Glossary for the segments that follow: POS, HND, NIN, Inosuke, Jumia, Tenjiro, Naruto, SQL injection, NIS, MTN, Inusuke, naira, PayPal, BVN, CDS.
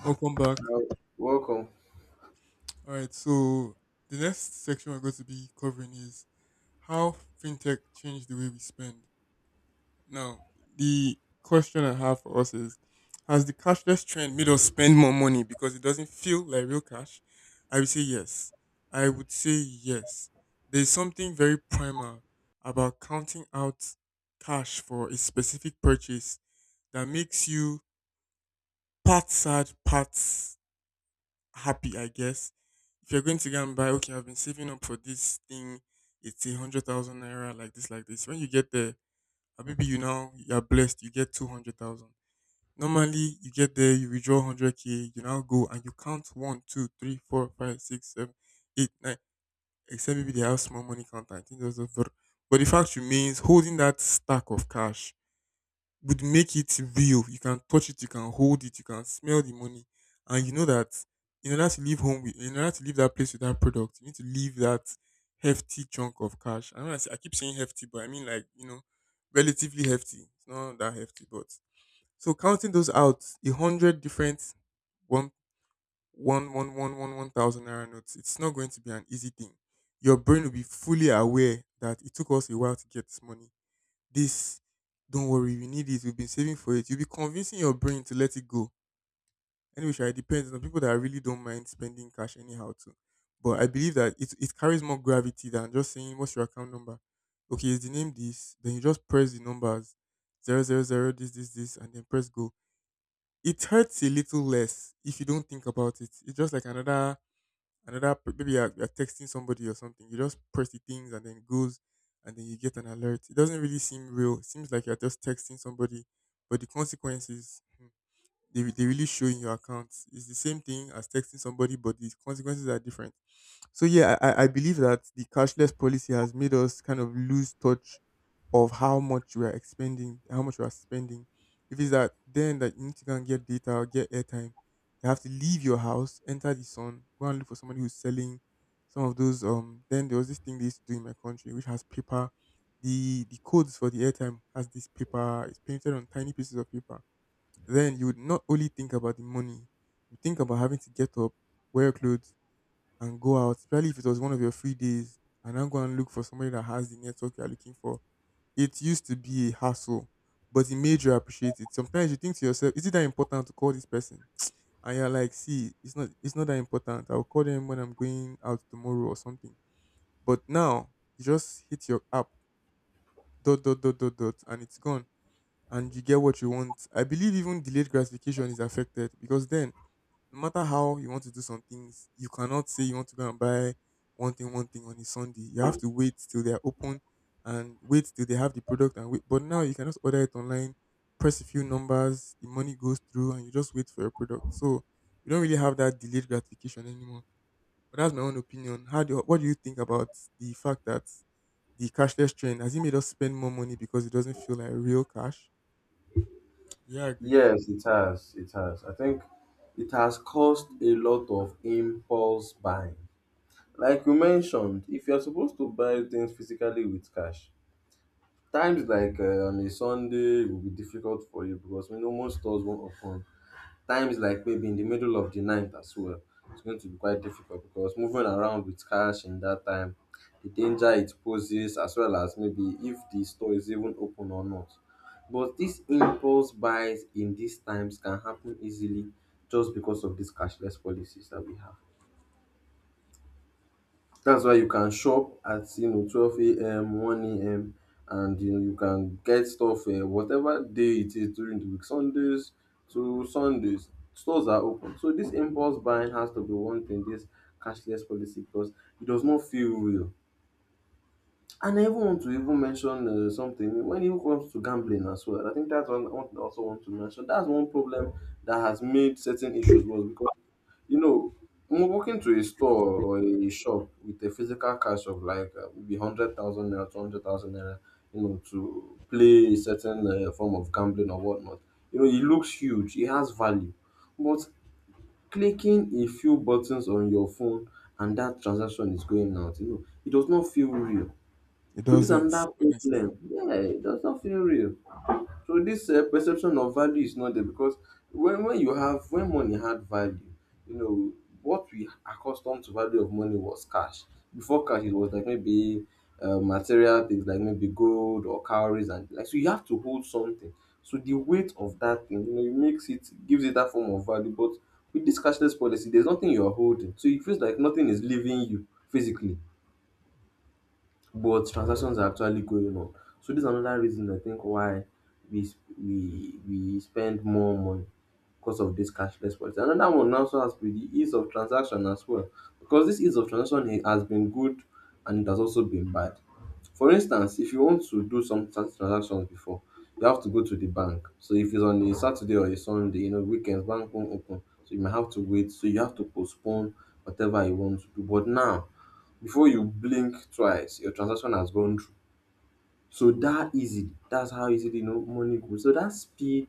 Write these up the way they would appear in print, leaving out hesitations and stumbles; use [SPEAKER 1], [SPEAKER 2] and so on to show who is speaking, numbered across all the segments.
[SPEAKER 1] Welcome back.
[SPEAKER 2] Welcome.
[SPEAKER 1] All right, so the next section we're going to be covering is how fintech changed the way we spend. Now, the question I have for us is: Has the cashless trend made us spend more money because it doesn't feel like real cash? I would say yes. I would say yes. There's something very primal about counting out cash for a specific purchase that makes you part sad, part happy, I guess. If you're going to go and buy, okay, I've been saving up for this thing, it's 100,000 naira, like this, like this. When you get there, maybe you now you're blessed, you get 200,000. Normally, you get there, you withdraw 100K, you now go and you count one, two, three, four, five, six, seven, eight, nine. Except maybe they have small money counter. I think there's a But the fact remains, holding that stack of cash would make it real. You can touch it, you can hold it, you can smell the money, and you know that in order to leave that place with that product, you need to leave that hefty chunk of cash. I know I keep saying hefty, but I mean, like, relatively hefty. It's not that hefty, but so counting those out, 100 different one one one one one one thousand naira notes. It's not going to be an easy thing. Your brain will be fully aware that it took us a while to get this money. This Don't worry, we need it, we've been saving for it. You'll be convincing your brain to let it go. Anyway, sha, it depends on people that really don't mind spending cash anyhow too. But I believe that it carries more gravity than just saying, what's your account number? Okay, is the name this? Then you just press the numbers, zero zero zero this this this, and then press go. It hurts a little less if you don't think about it. It's just like another. Maybe you're texting somebody or something. You just press the things and then it goes, and then you get an alert. It doesn't really seem real, it seems like you're just texting somebody. But the consequences, they really show in your accounts. It's the same thing as texting somebody, but the consequences are different. So yeah, I believe that the cashless policy has made us kind of lose touch of how much we are expending, how much we are spending. If it's that then that you need to go and get data or get airtime, you have to leave your house, enter the sun, go and look for somebody who's selling some of those. Then there was this thing they used to do in my country, which has paper. The codes for the airtime has this paper. It's painted on tiny pieces of paper. Then you would not only think about the money, you think about having to get up, wear clothes, and go out, especially if it was one of your free days, and then go and look for somebody that has the network you're looking for. It used to be a hassle, but it made you appreciate it. Sometimes you think to yourself, is it that important to call this person? And you're like, see, it's not that important. I'll call them when I'm going out tomorrow or something. But now you just hit your app, dot dot dot dot dot, and it's gone. And you get what you want. I believe even delayed gratification is affected, because then no matter how you want to do some things, you cannot say you want to go and buy one thing on a Sunday. You have to wait till they are open, and wait till they have the product, and wait. But now you can just order it online, press a few numbers, the money goes through, and you just wait for your product. So we don't really have that delayed gratification anymore. But that's my own opinion. What do you think about the fact that the cashless trend has it made us spend more money because it doesn't feel like real cash? Do you agree?
[SPEAKER 2] Yes, it has. It has. I think it has caused a lot of impulse buying. Like you mentioned, if you're supposed to buy things physically with cash, times like on a Sunday will be difficult for you because we know most stores won't open times like maybe in the middle of the night as well, it's going to be quite difficult because moving around with cash in that time, the danger it poses, as well as maybe if the store is even open or not. But these impulse buys in these times can happen easily just because of these cashless policies that we have. That's why you can shop at 12 a.m. 1 a.m. and you know you can get stuff whatever day it is during the week, Sundays to Sundays. Stores are open, so this impulse buying has to be one thing. This cashless policy because it does not feel real. And I even want to even mention something when it comes to gambling as well. I think that's one also want to mention. That's one problem that has made certain issues worse because, you know, when walking to a store or a shop with a physical cash of like maybe 100,000 naira, 200,000 naira, you know, to play a certain form of gambling or whatnot, you know, it looks huge, it has value. But clicking a few buttons on your phone and that transaction is going out, you know, it does not feel real.
[SPEAKER 1] It
[SPEAKER 2] So, this is
[SPEAKER 1] doesn't,
[SPEAKER 2] another
[SPEAKER 1] honestly.
[SPEAKER 2] problem. Yeah, it does not feel real. So this perception of value is not there because when money had value, you know what we accustomed to value of money was cash. Before cash, it was like maybe material things like maybe gold or cowries and like, so you have to hold something. So the weight of that thing, you know, it makes it gives it that form of value. But with this cashless policy, there's nothing you're holding, so it feels like nothing is leaving you physically but transactions are actually going on. So this is another reason I think why we sp- we spend more money because of this cashless policy. Another one also has to be the ease of transaction as well, because this ease of transaction has been good and it has also been bad. For instance, if you want to do some transactions before, you have to go to the bank. So if it's on a Saturday or a Sunday, you know, weekends, bank won't open. So you may have to wait. So you have to postpone whatever you want to do. But now, before you blink twice, your transaction has gone through. So that easy, that's how easily, you know, money goes. So that speed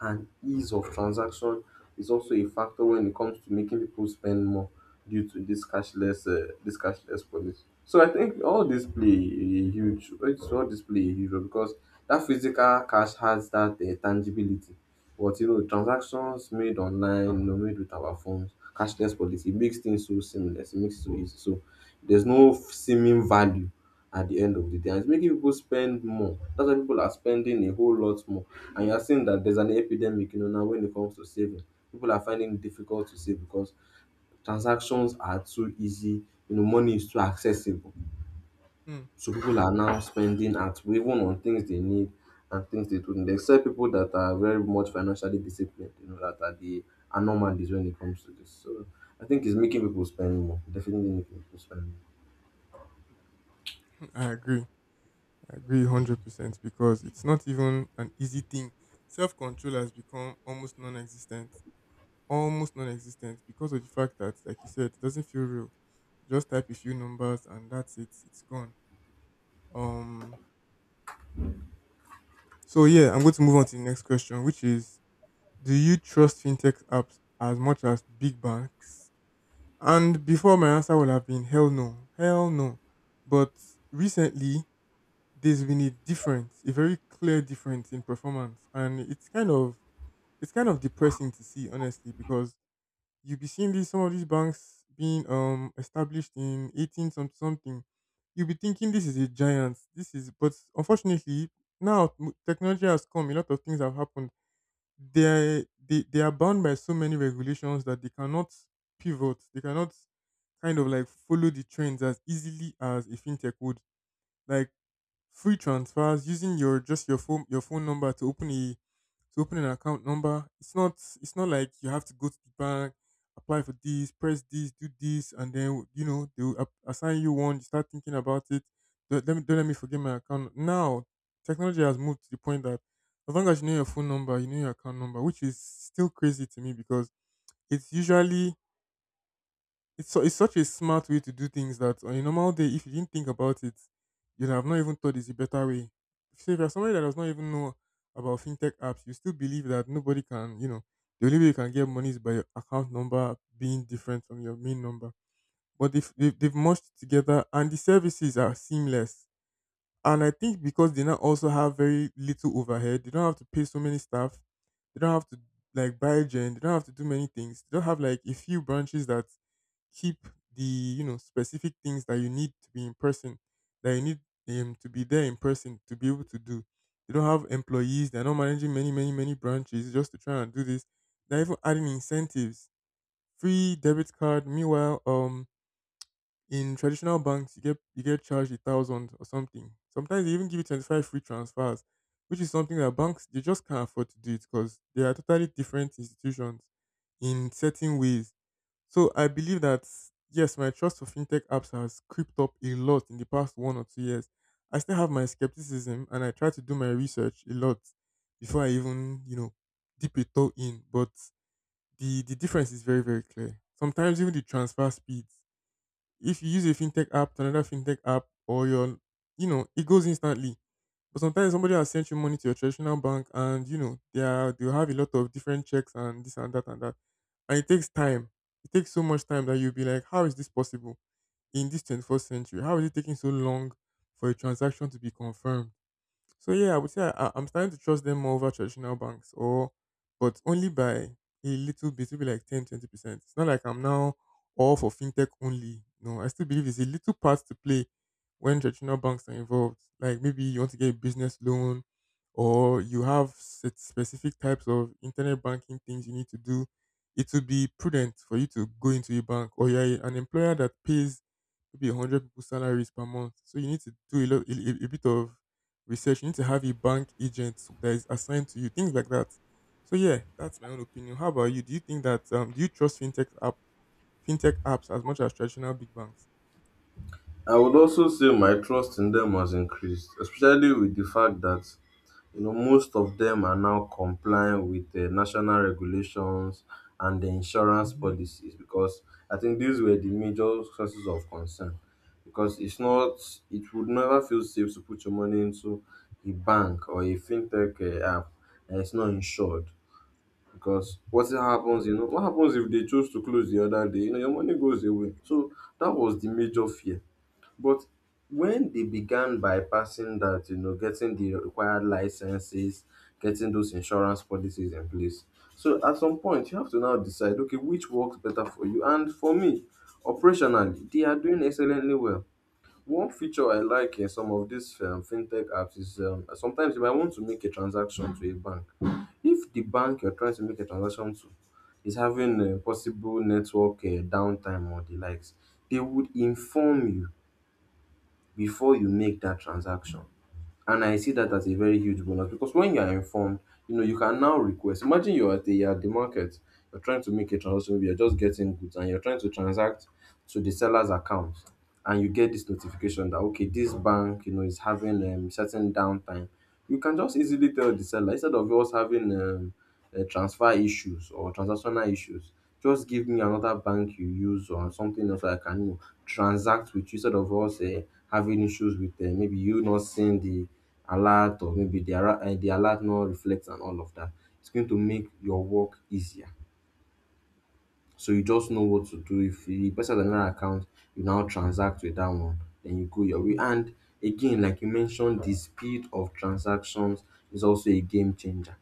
[SPEAKER 2] and ease of transaction is also a factor when it comes to making people spend more due to this cashless policy. So I think all this play a huge it's all this play a huge role because that physical cash has that tangibility. But, you know, transactions made online, you know, made with our phones, cashless policy, it makes things so seamless, it makes it so easy. So there's no seeming value at the end of the day. And it's making people spend more. That's why people are spending a whole lot more. And you're seeing that there's an epidemic, you know, now when it comes to saving. People are finding it difficult to save because transactions are too easy, you know, money is too accessible.
[SPEAKER 1] Mm,
[SPEAKER 2] So people are now spending at even on things they need and things they don't need. Except people that are very much financially disciplined, you know, that are the anomalies when it comes to this. So I think it's making people spend more. Definitely making people spend more.
[SPEAKER 1] mm, I agree. I agree 100% because it's not even an easy thing. Self control has become almost non existent. Almost non existent, because of the fact that, like you said, it doesn't feel real. Just type a few numbers and that's it, it's gone. Um, so, yeah, I'm going to move on to the next question, which is: Do you trust fintech apps as much as big banks? And before, my answer would have been hell no, hell no. But recently, there's been a difference, a very clear difference in performance, and it's kind of depressing to see, honestly, because you'll be seeing these some of these banks being established in eighteen something. You'll be thinking this is a giant. But unfortunately, now technology has come. A lot of things have happened. They are bound by so many regulations that they cannot pivot. They cannot kind of like follow the trends as easily as a fintech would. Like, free transfers, using your just your phone number to open a to open an account number. It's not like you have to go to the bank, apply for this, press this, do this, and then you know they will assign you one. You start thinking about it. Don't let me forget my account. Now technology has moved to the point that as long as you know your phone number, you know your account number, which is still crazy to me because it's usually it's so it's such a smart way to do things that on a normal day, if you didn't think about it, you'd have not even thought it's a better way. So if you're somebody that does not even know about fintech apps, you still believe that nobody can, the only way you can get money is by your account number being different from your main number. But they've merged together, and the services are seamless. And I think because they now also have very little overhead, they don't have to pay so many staff, they don't have to like buy gen, they don't have to do many things. They don't have like a few branches that keep the specific things that you need to be in person, that you need to be there in person to be able to do. They don't have employees. They're not managing many, many, many branches just to try and do this. They're even adding incentives, free debit card. Meanwhile, in traditional banks, you get charged 1,000 or something. Sometimes they even give you 25 free transfers, which is something that banks, they just can't afford to do it, because they are totally different institutions in certain ways. So I believe that yes, my trust for fintech apps has crept up a lot in the past 1 or 2 years. I still have my skepticism, and I try to do my research a lot before I even, dip a toe in. But the difference is very, very clear. Sometimes even the transfer speeds, if you use a fintech app to another fintech app, or your you know it goes instantly. But sometimes somebody has sent you money to your traditional bank, and you know they have a lot of different checks and this and that and that, and it takes time, it takes so much time that you'll be like, how is this possible in this 21st century? How is it taking so long for a transaction to be confirmed? So yeah, I would say I'm starting to trust them more over traditional banks, or but only by a little bit, maybe like 10, 20%. It's not like I'm now all for fintech only. No, I still believe it's a little part to play when traditional banks are involved. Like, maybe you want to get a business loan, or you have set specific types of internet banking things you need to do. It would be prudent for you to go into a bank. Or you're an employer that pays maybe 100 people's salaries per month. So you need to do a, lot, a bit of research. You need to have a bank agent that is assigned to you, things like that. So yeah, that's my own opinion. How about you? Do you think that do you trust fintech apps as much as traditional big banks?
[SPEAKER 2] I would also say my trust in them has increased, especially with the fact that, you know, most of them are now complying with the national regulations and the insurance
[SPEAKER 1] Hmm.
[SPEAKER 2] policies because I think these were the major sources of concern. Because it's not, it would never feel safe to put your money into a bank or a fintech app and it's not insured. Because what happens if they choose to close the other day? You know, your money goes away. So that was the major fear, but when they began bypassing that, you know, getting the required licenses, getting those insurance policies in place. So at some point, you have to now decide, okay, which works better for you? And for me, operationally, they are doing excellently well. One feature I like in some of these fintech apps is, sometimes you might want to make a transaction to a bank. If the bank you're trying to make a transaction to is having a possible network downtime or the likes, they would inform you before you make that transaction. And I see that as a very huge bonus because when you are informed, you know, you can now request. Imagine you're at the market, you're trying to make a transaction, maybe you're just getting goods and you're trying to transact to the seller's account. And you get this notification that, okay, this bank, you know, is having certain downtime. You can just easily tell the seller instead of us having transfer issues or transactional issues. Just give me another bank you use or something else I can, you know, transact with you instead of us having issues with maybe you not seeing the alert or maybe the alert not reflects and all of that. It's going to make your work easier. So you just know what to do. If the person has another account, you now transact with that one, then you go your way. And again, like you mentioned, the speed of transactions is also a game changer.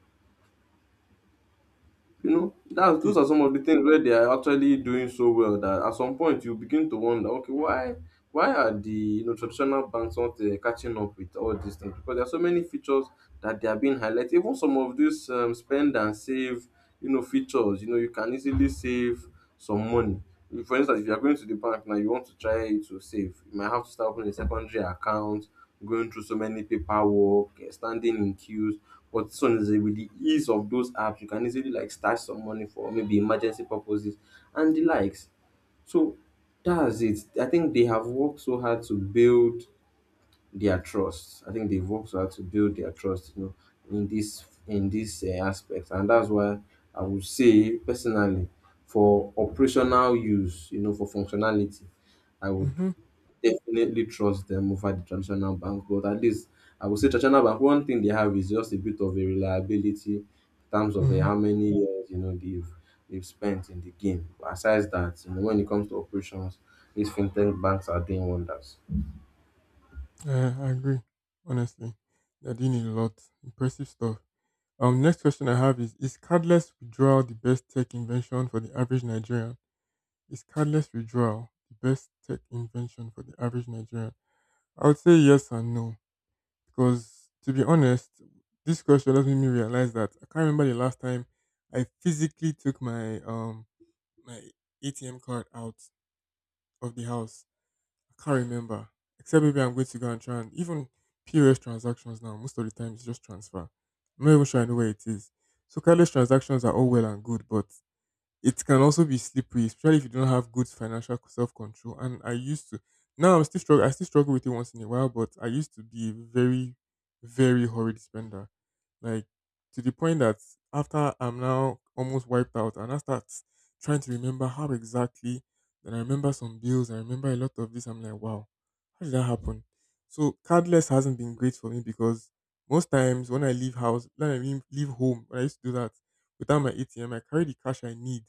[SPEAKER 2] You know,
[SPEAKER 1] It
[SPEAKER 2] that's those are
[SPEAKER 1] is.
[SPEAKER 2] some of the things where they are actually doing so well that at some point you begin to wonder, okay, why are the, you know, traditional banks not catching up with all these things? Because there are so many features that they are being highlighted. Even some of these spend and save, you know, features. You know, you can easily save some money. If, for instance, if you are going to the bank now, you want to try to save, you might have to start opening a secondary account, going through so many paperwork, eh, standing in queues. But this one is eh, with the ease of those apps, you can easily like stash some money for maybe emergency purposes and the likes. So that's it. I think they have worked so hard to build their trust. I think they've worked hard to build their trust, you know, in this aspect, and that's why I would say personally, for operational use, you know, for functionality, I would
[SPEAKER 1] Mm-hmm.
[SPEAKER 2] definitely trust them over the traditional bank. But at least I would say traditional bank. One thing they have is just a bit of a reliability in terms of
[SPEAKER 1] Mm-hmm.
[SPEAKER 2] how many years, you know, they've spent in the game. Besides that, you know, when it comes to operations, these fintech banks are doing wonders.
[SPEAKER 1] I agree. Honestly, they're doing a lot. Impressive stuff. Next question I have is cardless withdrawal the best tech invention for the average Nigerian? Is cardless withdrawal the best tech invention for the average Nigerian? I would say yes and no. Because to be honest, this question has made me realize that I can't remember the last time I physically took my my ATM card out of the house. I can't remember. Except maybe I'm going to go and try, and even POS transactions now, most of the time it's just transfer. I'm not even sure I know where it is. So cardless transactions are all well and good, but it can also be slippery, especially if you don't have good financial self control. And I used to, now I still struggle with it once in a while, but I used to be a very, very horrid spender, like, to the point that after I'm now almost wiped out, and I start trying to remember how exactly. Then I remember some bills. I remember a lot of this. I'm like, wow, how did that happen? So cardless hasn't been great for me because most times when I leave house, when I leave home, when I used to do that without my ATM, I carry the cash I need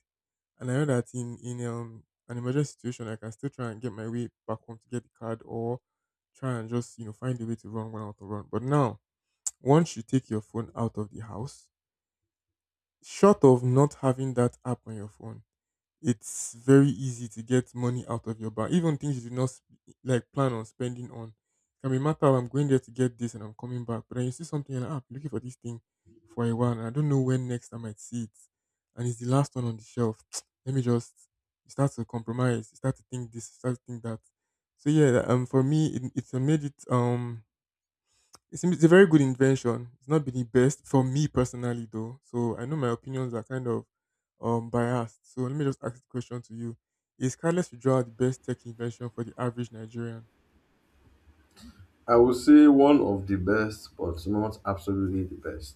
[SPEAKER 1] and I know that in an emergency situation, like, I can still try and get my way back home to get the card, or try and just, you know, find a way to run when I want to run. But now, once you take your phone out of the house, short of not having that app on your phone, it's very easy to get money out of your bank, even things you did not like plan on spending on. It can be a matter of, I'm going there to get this and I'm coming back, but then you see something and, ah, I'm looking for this thing for a while and I don't know when next I might see it, and it's the last one on the shelf. Let me just You start to compromise, you start to think this, you start to think that. So yeah, for me, it's made it. It's a very good invention. It's not been the best for me personally though. So I know my opinions are kind of biased. So let me just ask the question to you. Is Carlos Figueroa the best tech invention for the average Nigerian?
[SPEAKER 2] I would say one of the best, but not absolutely the best,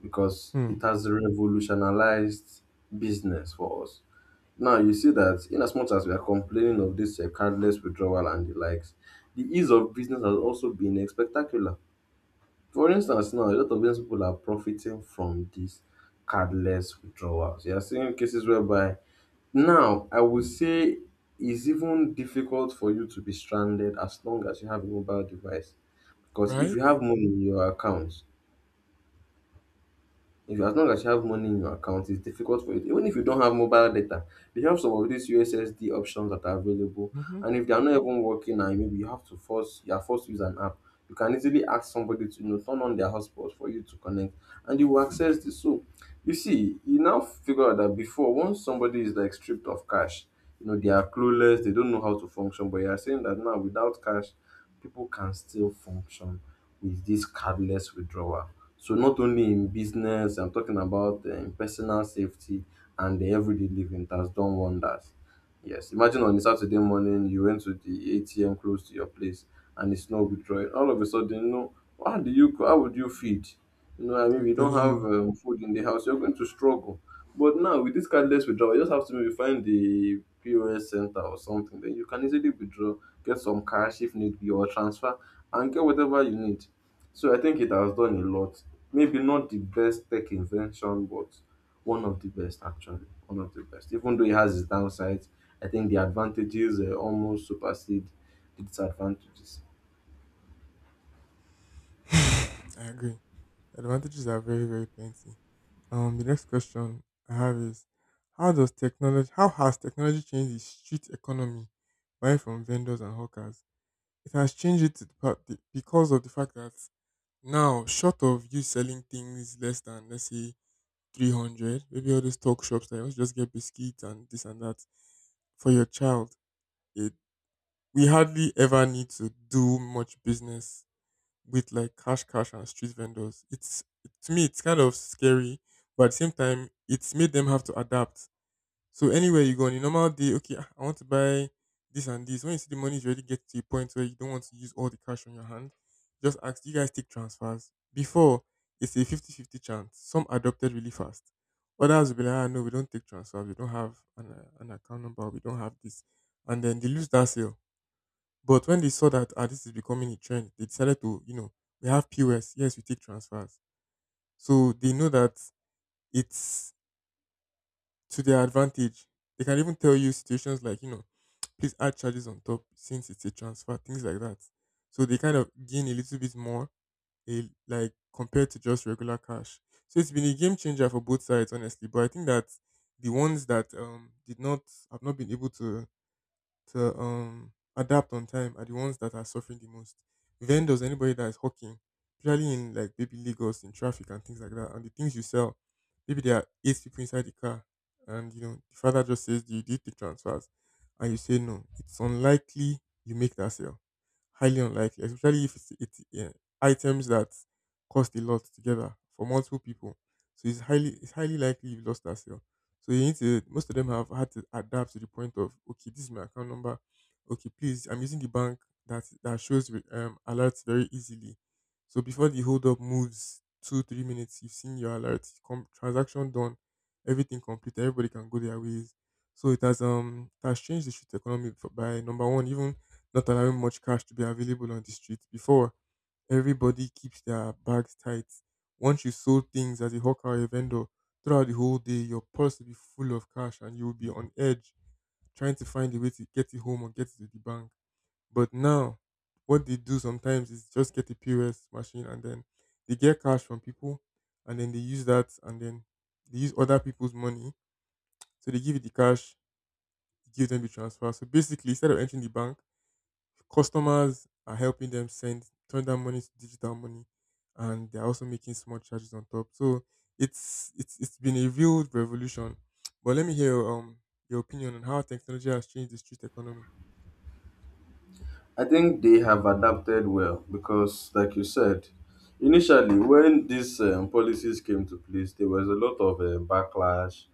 [SPEAKER 2] because
[SPEAKER 1] Hmm.
[SPEAKER 2] it has revolutionized business for us. Now, you see that in as much as we are complaining of this cardless withdrawal and the likes, the ease of business has also been spectacular. For instance, now a lot of business people are profiting from these cardless withdrawals. You are seeing cases whereby now I would say it's even difficult for you to be stranded as long as you have a mobile device, because if
[SPEAKER 1] Right?
[SPEAKER 2] you have money in your account, if you as long as you have money in your account, it's difficult for you. Even if you don't have mobile data, they have some of these USSD options that are available.
[SPEAKER 1] Hmm.
[SPEAKER 2] And if they are not even working and maybe you are forced to use an app, you can easily ask somebody to, you know, turn on their hotspot for you to connect and you will access this. So you see, you now figure out that before, once somebody is like stripped of cash, you know, they are clueless, they don't know how to function. But you are saying that now without cash, people can still function with this cardless withdrawal. So not only in business, I'm talking about personal safety and the everyday living that's done wonders. Yes, imagine on a Saturday morning you went to the ATM close to your place and it's not withdrawing. All of a sudden, you know, how would you feed? You know, I mean,
[SPEAKER 1] I'm
[SPEAKER 2] we don't
[SPEAKER 1] telling
[SPEAKER 2] have
[SPEAKER 1] you.
[SPEAKER 2] food in the house, you're going to struggle. But now with this cardless withdrawal, you just have to maybe find the POS center or something. Then you can easily withdraw, get some cash if need be, or transfer, and get whatever you need. So I think it has done a lot. Maybe not the best tech invention, but one of the best, actually. One of the best. Even though it has its downsides, I think the advantages almost supersede the disadvantages.
[SPEAKER 1] I agree. Advantages are very, very plenty. The next question I have is, how has technology changed the street economy, buying from vendors and hawkers? It has changed it to the part, the, because of the fact that, now, short of you selling things less than let's say 300, maybe all those talk shops that you just get biscuits and this and that for your child, it we hardly ever need to do much business with like cash, cash and street vendors. It's to me, it's kind of scary, but at the same time, it's made them have to adapt. So anywhere you go on a normal day, okay, I want to buy this and this. When you see the money, you already get to a point where you don't want to use all the cash on your hand. Just ask, do you guys take transfers? Before, it's a fifty-fifty chance. Some adopted really fast. Others will be like, ah, no, we don't take transfers. We don't have an account number. We don't have this. And then they lose that sale. But when they saw that, ah, this is becoming a trend, they decided to, you know, we have POS. Yes, we take transfers. So they know that it's to their advantage. They can even tell you situations like, you know, please add charges on top since it's a transfer, things like that. So they kind of gain a little bit more, like, compared to just regular cash. So it's been a game changer for both sides, honestly. But I think that the ones that did not, have not been able to adapt on time are the ones that are suffering the most. Vendors, anybody that is hawking, particularly in like maybe Lagos in traffic and things like that, and the things you sell, maybe there are eight people inside the car, and you know the father just says, do you take transfers?" And you say no. It's unlikely you make that sale. Highly unlikely, especially if it's, yeah, items that cost a lot together for multiple people. So it's highly likely you lost that sale. So you need to most of them have had to adapt to the point of, okay, this is my account number. Okay, please, I'm using the bank that shows with, alerts very easily. So before the hold up moves 2-3 minutes, you've seen your alert, transaction done, everything complete. Everybody can go their ways. So it has changed the street economy for, by number one, even not allowing much cash to be available on the street before everybody keeps their bags tight. Once you sold things as a hawker or a vendor, throughout the whole day, your purse will be full of cash and you'll be on edge trying to find a way to get it home or get it to the bank. But now, what they do sometimes is just get a POS machine and then they get cash from people and then they use that, and then they use other people's money. So they give you the cash, you give them the transfer. So basically, instead of entering the bank, customers are helping them send turn that money to digital money, and they're also making small charges on top. So it's been a real revolution. But let me hear your opinion on how technology has changed the street economy.
[SPEAKER 2] I think they have adapted well because, like you said, initially when these policies came to place, there was a lot of backlash,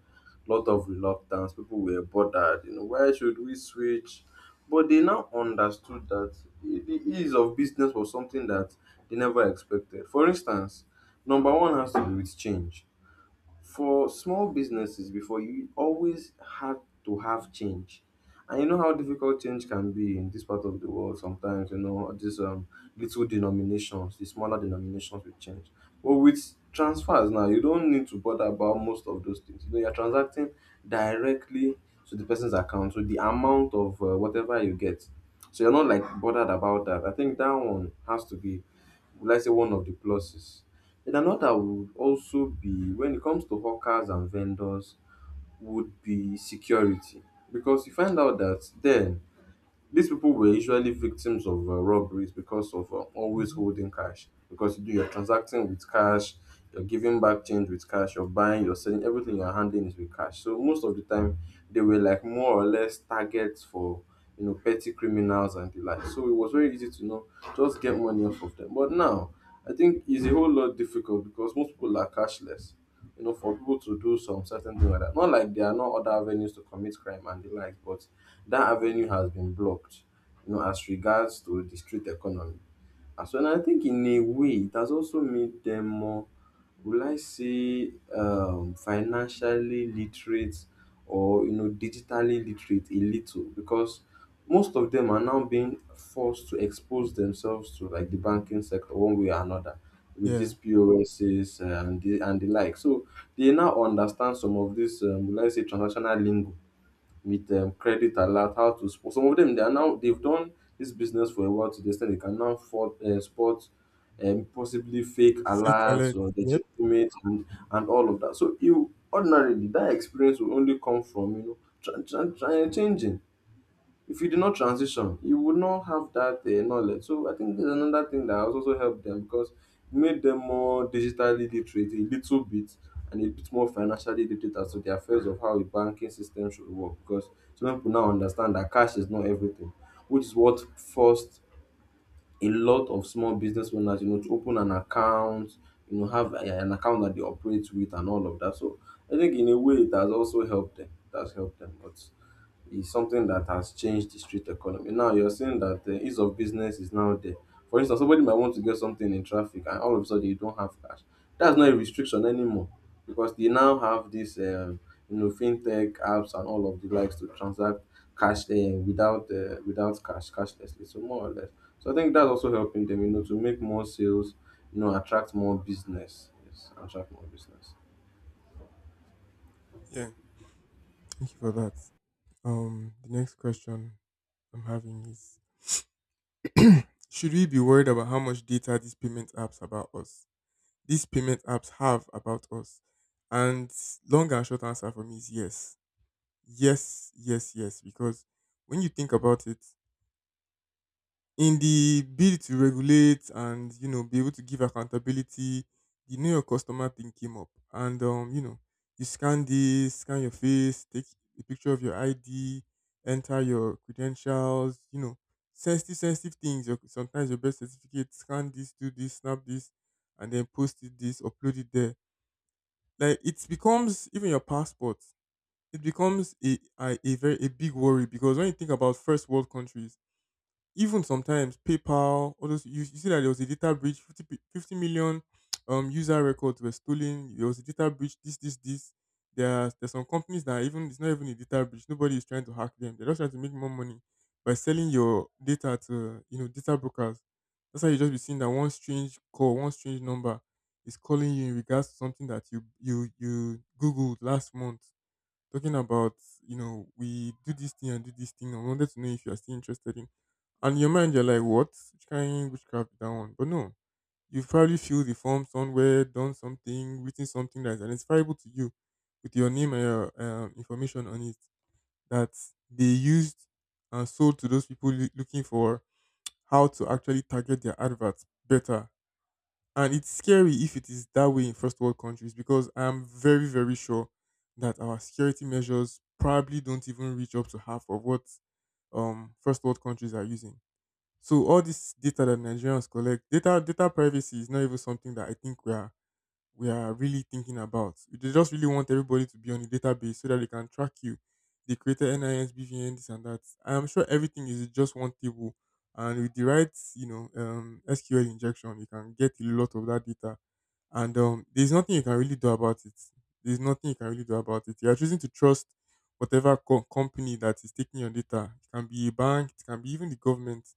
[SPEAKER 2] lot of reluctance. People were bothered. You know, why should we switch? But they now understood that the ease of business was something that they never expected. For instance, number one has to do with change. For small businesses before you always had to have change. And you know how difficult change can be in this part of the world sometimes, you know, these little denominations, the smaller denominations will change. But with transfers now, you don't need to bother about most of those things. You know, you're transacting directly to the person's account, so the amount of whatever you get. So you're not like bothered about that. I think that one has to be, let's say, one of the pluses, then another would also be when it comes to hawkers and vendors would be security because you find out that then these people were usually victims of robberies because of always
[SPEAKER 1] Hmm.
[SPEAKER 2] holding cash. Because you're transacting with cash, you're giving back change with cash, you're buying, you're selling, everything you're handling is with cash. So most of the time, they were like more or less targets for, you know, petty criminals and the like. So it was very easy to know just get money off of them. But now, I think it's a whole lot difficult because most people are cashless, you know, for people to do some certain thing like that. Not like there are no other avenues to commit crime and the like, but that avenue has been blocked, you know, as regards to the street economy. And so, and I think in a way, it has also made them more. Will I say financially literate or, you know, digitally literate a little? Because most of them are now being forced to expose themselves to like the banking sector one way or another with
[SPEAKER 1] Yeah,
[SPEAKER 2] these POSs and the like. So they now understand some of this will I say transactional lingo with credit alert, how to sport? Some of them, they are now, they've done this business for a while to the extent they can now spot possibly fake
[SPEAKER 1] fake
[SPEAKER 2] alerts
[SPEAKER 1] alert.
[SPEAKER 2] or
[SPEAKER 1] Yep.
[SPEAKER 2] legitimate, and all of that. So you ordinarily that experience will only come from, you know, try changing. If you did not transition, you would not have that knowledge. So I think there's another thing that has also helped them because it made them more digitally literate a little bit and a bit more financially literate as to the affairs of how a banking system should work. Because some people now understand that cash is not everything, which is what forced a lot of small business owners, you know, to open an account, you know, have an account that they operate with and all of that. So I think in a way it has also helped them. It has helped them. But is something that has changed the street economy. Now you're saying that the ease of business is now there. For instance, somebody might want to get something in traffic and all of a sudden you don't have cash. That's not a restriction anymore because they now have this, you know, fintech apps and all of the likes to transact cash without without cash, cashlessly. So more or less. So I think that's also helping them, you know, to make more sales, you know, attract more business. Yes, attract more business.
[SPEAKER 1] Yeah. Thank you for that. The next question I'm having is: Should we be worried about how much data these payment apps about us? These payment apps have about us. And long and short answer for me is, yes. Yes, yes, yes. Because when you think about it, in the bid to regulate and, you know, be able to give accountability, the know your customer thing came up, and, you know, you scan this, scan your face, take a picture of your ID, enter your credentials, you know, sensitive, sensitive things. Your, sometimes your birth certificate, scan this, do this, snap this, and then post it this, upload it there. Like, it becomes even your passport, it becomes a very a big worry, because when you think about first world countries, even sometimes PayPal, all those, you see that there was a data breach, 50, 50 million user records were stolen. There was a data breach. This this this. There's some companies that are, even, it's not even a data breach. Nobody is trying to hack them. They're just trying to make more money by selling your data to, you know, data brokers. That's how you just be seeing that one strange call, one strange number is calling you in regards to something that you googled last month, talking about, you know, we do this thing and do this thing. I wanted to know if you are still interested in. And in your mind, you're like, what? Which kind witchcraft is that one? But no, you probably filled the form somewhere, done something, written something that is identifiable to you with your name and your information on it that they used and sold to those people looking for how to actually target their adverts better, and it's scary if it is that way in first world countries, because I'm very, very sure that our security measures probably don't even reach up to half of what first world countries are using. So all this data that Nigerians collect, data, data privacy is not even something that I think we are really thinking about. They just really want everybody to be on the database so that they can track you. They created NIS, BVN, this and that. I am sure everything is just one table. And with the right, you know, SQL injection, you can get a lot of that data. And, there's nothing you can really do about it. There's nothing you can really do about it. You are choosing to trust whatever company that is taking your data. It can be a bank, it can be even the government,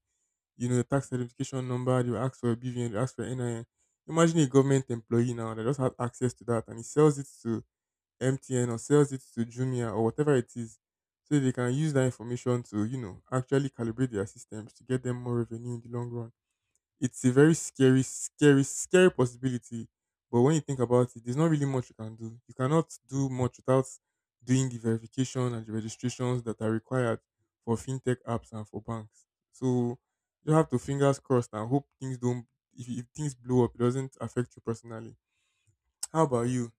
[SPEAKER 1] you know, tax identification number, they will ask for a BVN, they will ask for NIN. Imagine a government employee now that just has access to that, and he sells it to MTN or sells it to Jumia or whatever it is. So they can use that information to, you know, actually calibrate their systems to get them more revenue in the long run. It's a very scary, scary, scary possibility. But when you think about it, there's not really much you can do. You cannot do much without doing the verification and the registrations that are required for fintech apps and for banks. So you have to fingers crossed and hope things don't. If things blow up, it doesn't affect you personally. How about you?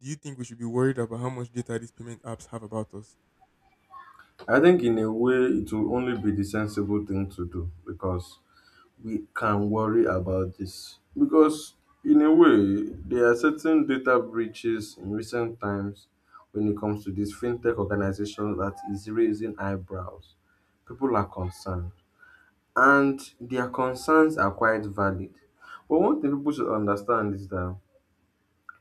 [SPEAKER 1] Do you think we should be worried about how much data these payment apps have about us?
[SPEAKER 2] I think in a way it will only be the sensible thing to do because we can worry about this because in a way there are certain data breaches in recent times when it comes to these fintech organizations that is raising eyebrows. People are concerned and their concerns are quite valid. But one thing people should understand is that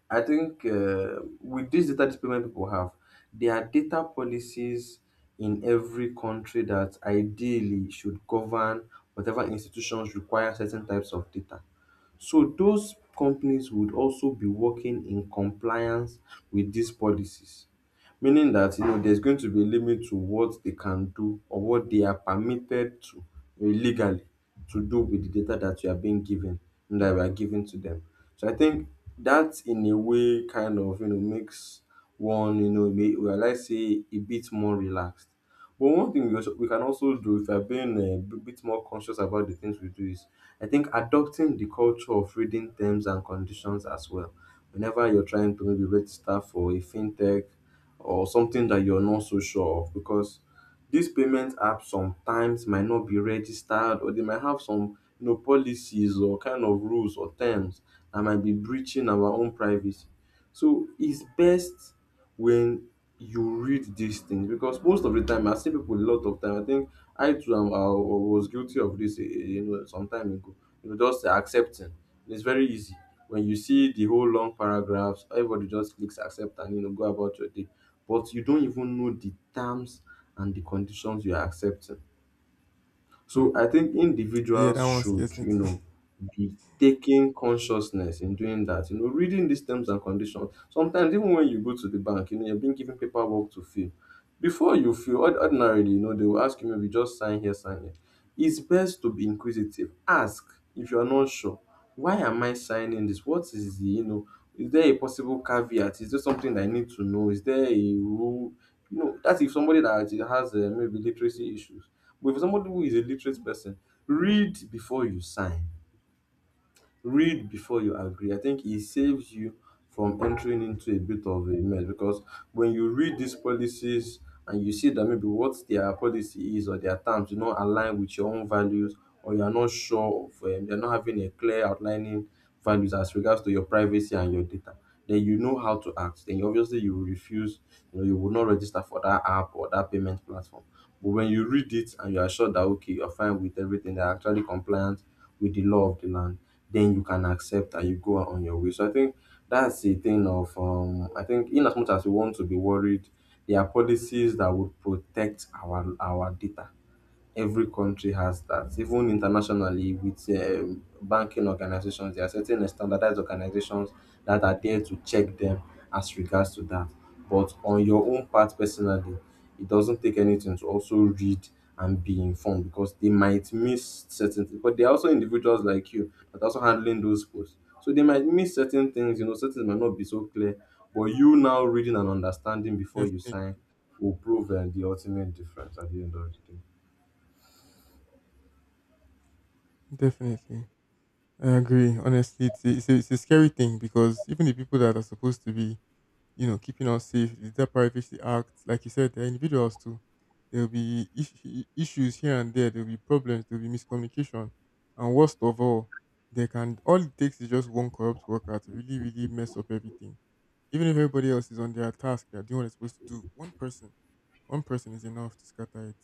[SPEAKER 2] I think with this data discipline people have, there are data policies in every country that ideally should govern whatever institutions require certain types of data. So those companies would also be working in compliance with these policies, meaning that, you know, there's going to be a limit to what they can do or what they are permitted to legally to do with the data that you are being given and that we are giving to them. So I think that in a way kind of, you know, makes one, you know, may, well, I say a bit more relaxed, but one thing we can also do if we're being bit more conscious about the things we do is, I think, adopting the culture of reading terms and conditions as well. Whenever you're trying to maybe register for a fintech or something that you're not so sure of, because these payment apps sometimes might not be registered or they might have some, you know, policies or kind of rules or terms that might be breaching our own privacy. So it's best when you read these things because most of the time I see people a lot of time. I think I was guilty of this, you know, some time ago. You know, just accepting. It's very easy when you see the whole long paragraphs. Everybody just clicks accept and, you know, go about your day, but you don't even know the terms and the conditions you are accepting.
[SPEAKER 1] Hmm.
[SPEAKER 2] So I think
[SPEAKER 1] Yeah,
[SPEAKER 2] individuals
[SPEAKER 1] that one
[SPEAKER 2] should,
[SPEAKER 1] scares me
[SPEAKER 2] you
[SPEAKER 1] too.
[SPEAKER 2] know, be taking consciousness in doing that, you know, reading these terms and conditions. Sometimes even when you go to the bank, you know, you're being given paperwork to fill. Before you fill, ordinarily, you know, they will ask you maybe just sign here, sign here. It's best to be inquisitive. Ask if you're not sure. Why am I signing this? What is the, you know, is there a possible caveat? Is there something I need to know? Is there a rule? You know, that's if somebody that has maybe literacy issues, but for somebody who is a literate person, read before you sign, read before you agree. I think it saves you from entering into a bit of a mess because when you read these policies and you see that maybe what their policy is or their terms do not align with your own values or you are not sure of, you're not having a clear outlining values as regards to your privacy and your data, then you know how to act, obviously you will refuse, you know, you will not register for that app or that payment platform. But when you read it and you are sure that okay, you're fine with everything, they're actually compliant with the law of the land, then you can accept and you go on your way. So I think that's the thing of I think in as much as we want to be worried, there are policies that would protect our data. Every country has that. Even internationally, with banking organizations, there are certain standardized organizations that are there to check them as regards to that. But on your own part, personally, it doesn't take anything to also read and be informed, because they might miss certain things. But there are also individuals like you that are also handling those posts. So they might miss certain things, you know, certain might not be so clear. But you now reading and understanding before you
[SPEAKER 1] Definitely,
[SPEAKER 2] sign will prove the ultimate difference at the end of the day.
[SPEAKER 1] definitely. I agree. Honestly, it's a scary thing, because even the people that are supposed to be, you know, keeping us safe, the Data Privacy Act, like you said, they're individuals too. There'll be issues here and there. There'll be problems. There'll be miscommunication, and worst of all, they can all it takes is just one corrupt worker to really, really mess up everything. Even if everybody else is on their task, they're doing what they're supposed to do. One person is enough to scatter it.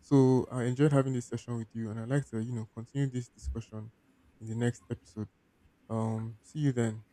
[SPEAKER 1] So I enjoyed having this session with you, and I'd like to, you know, continue this discussion in the next episode. See you then.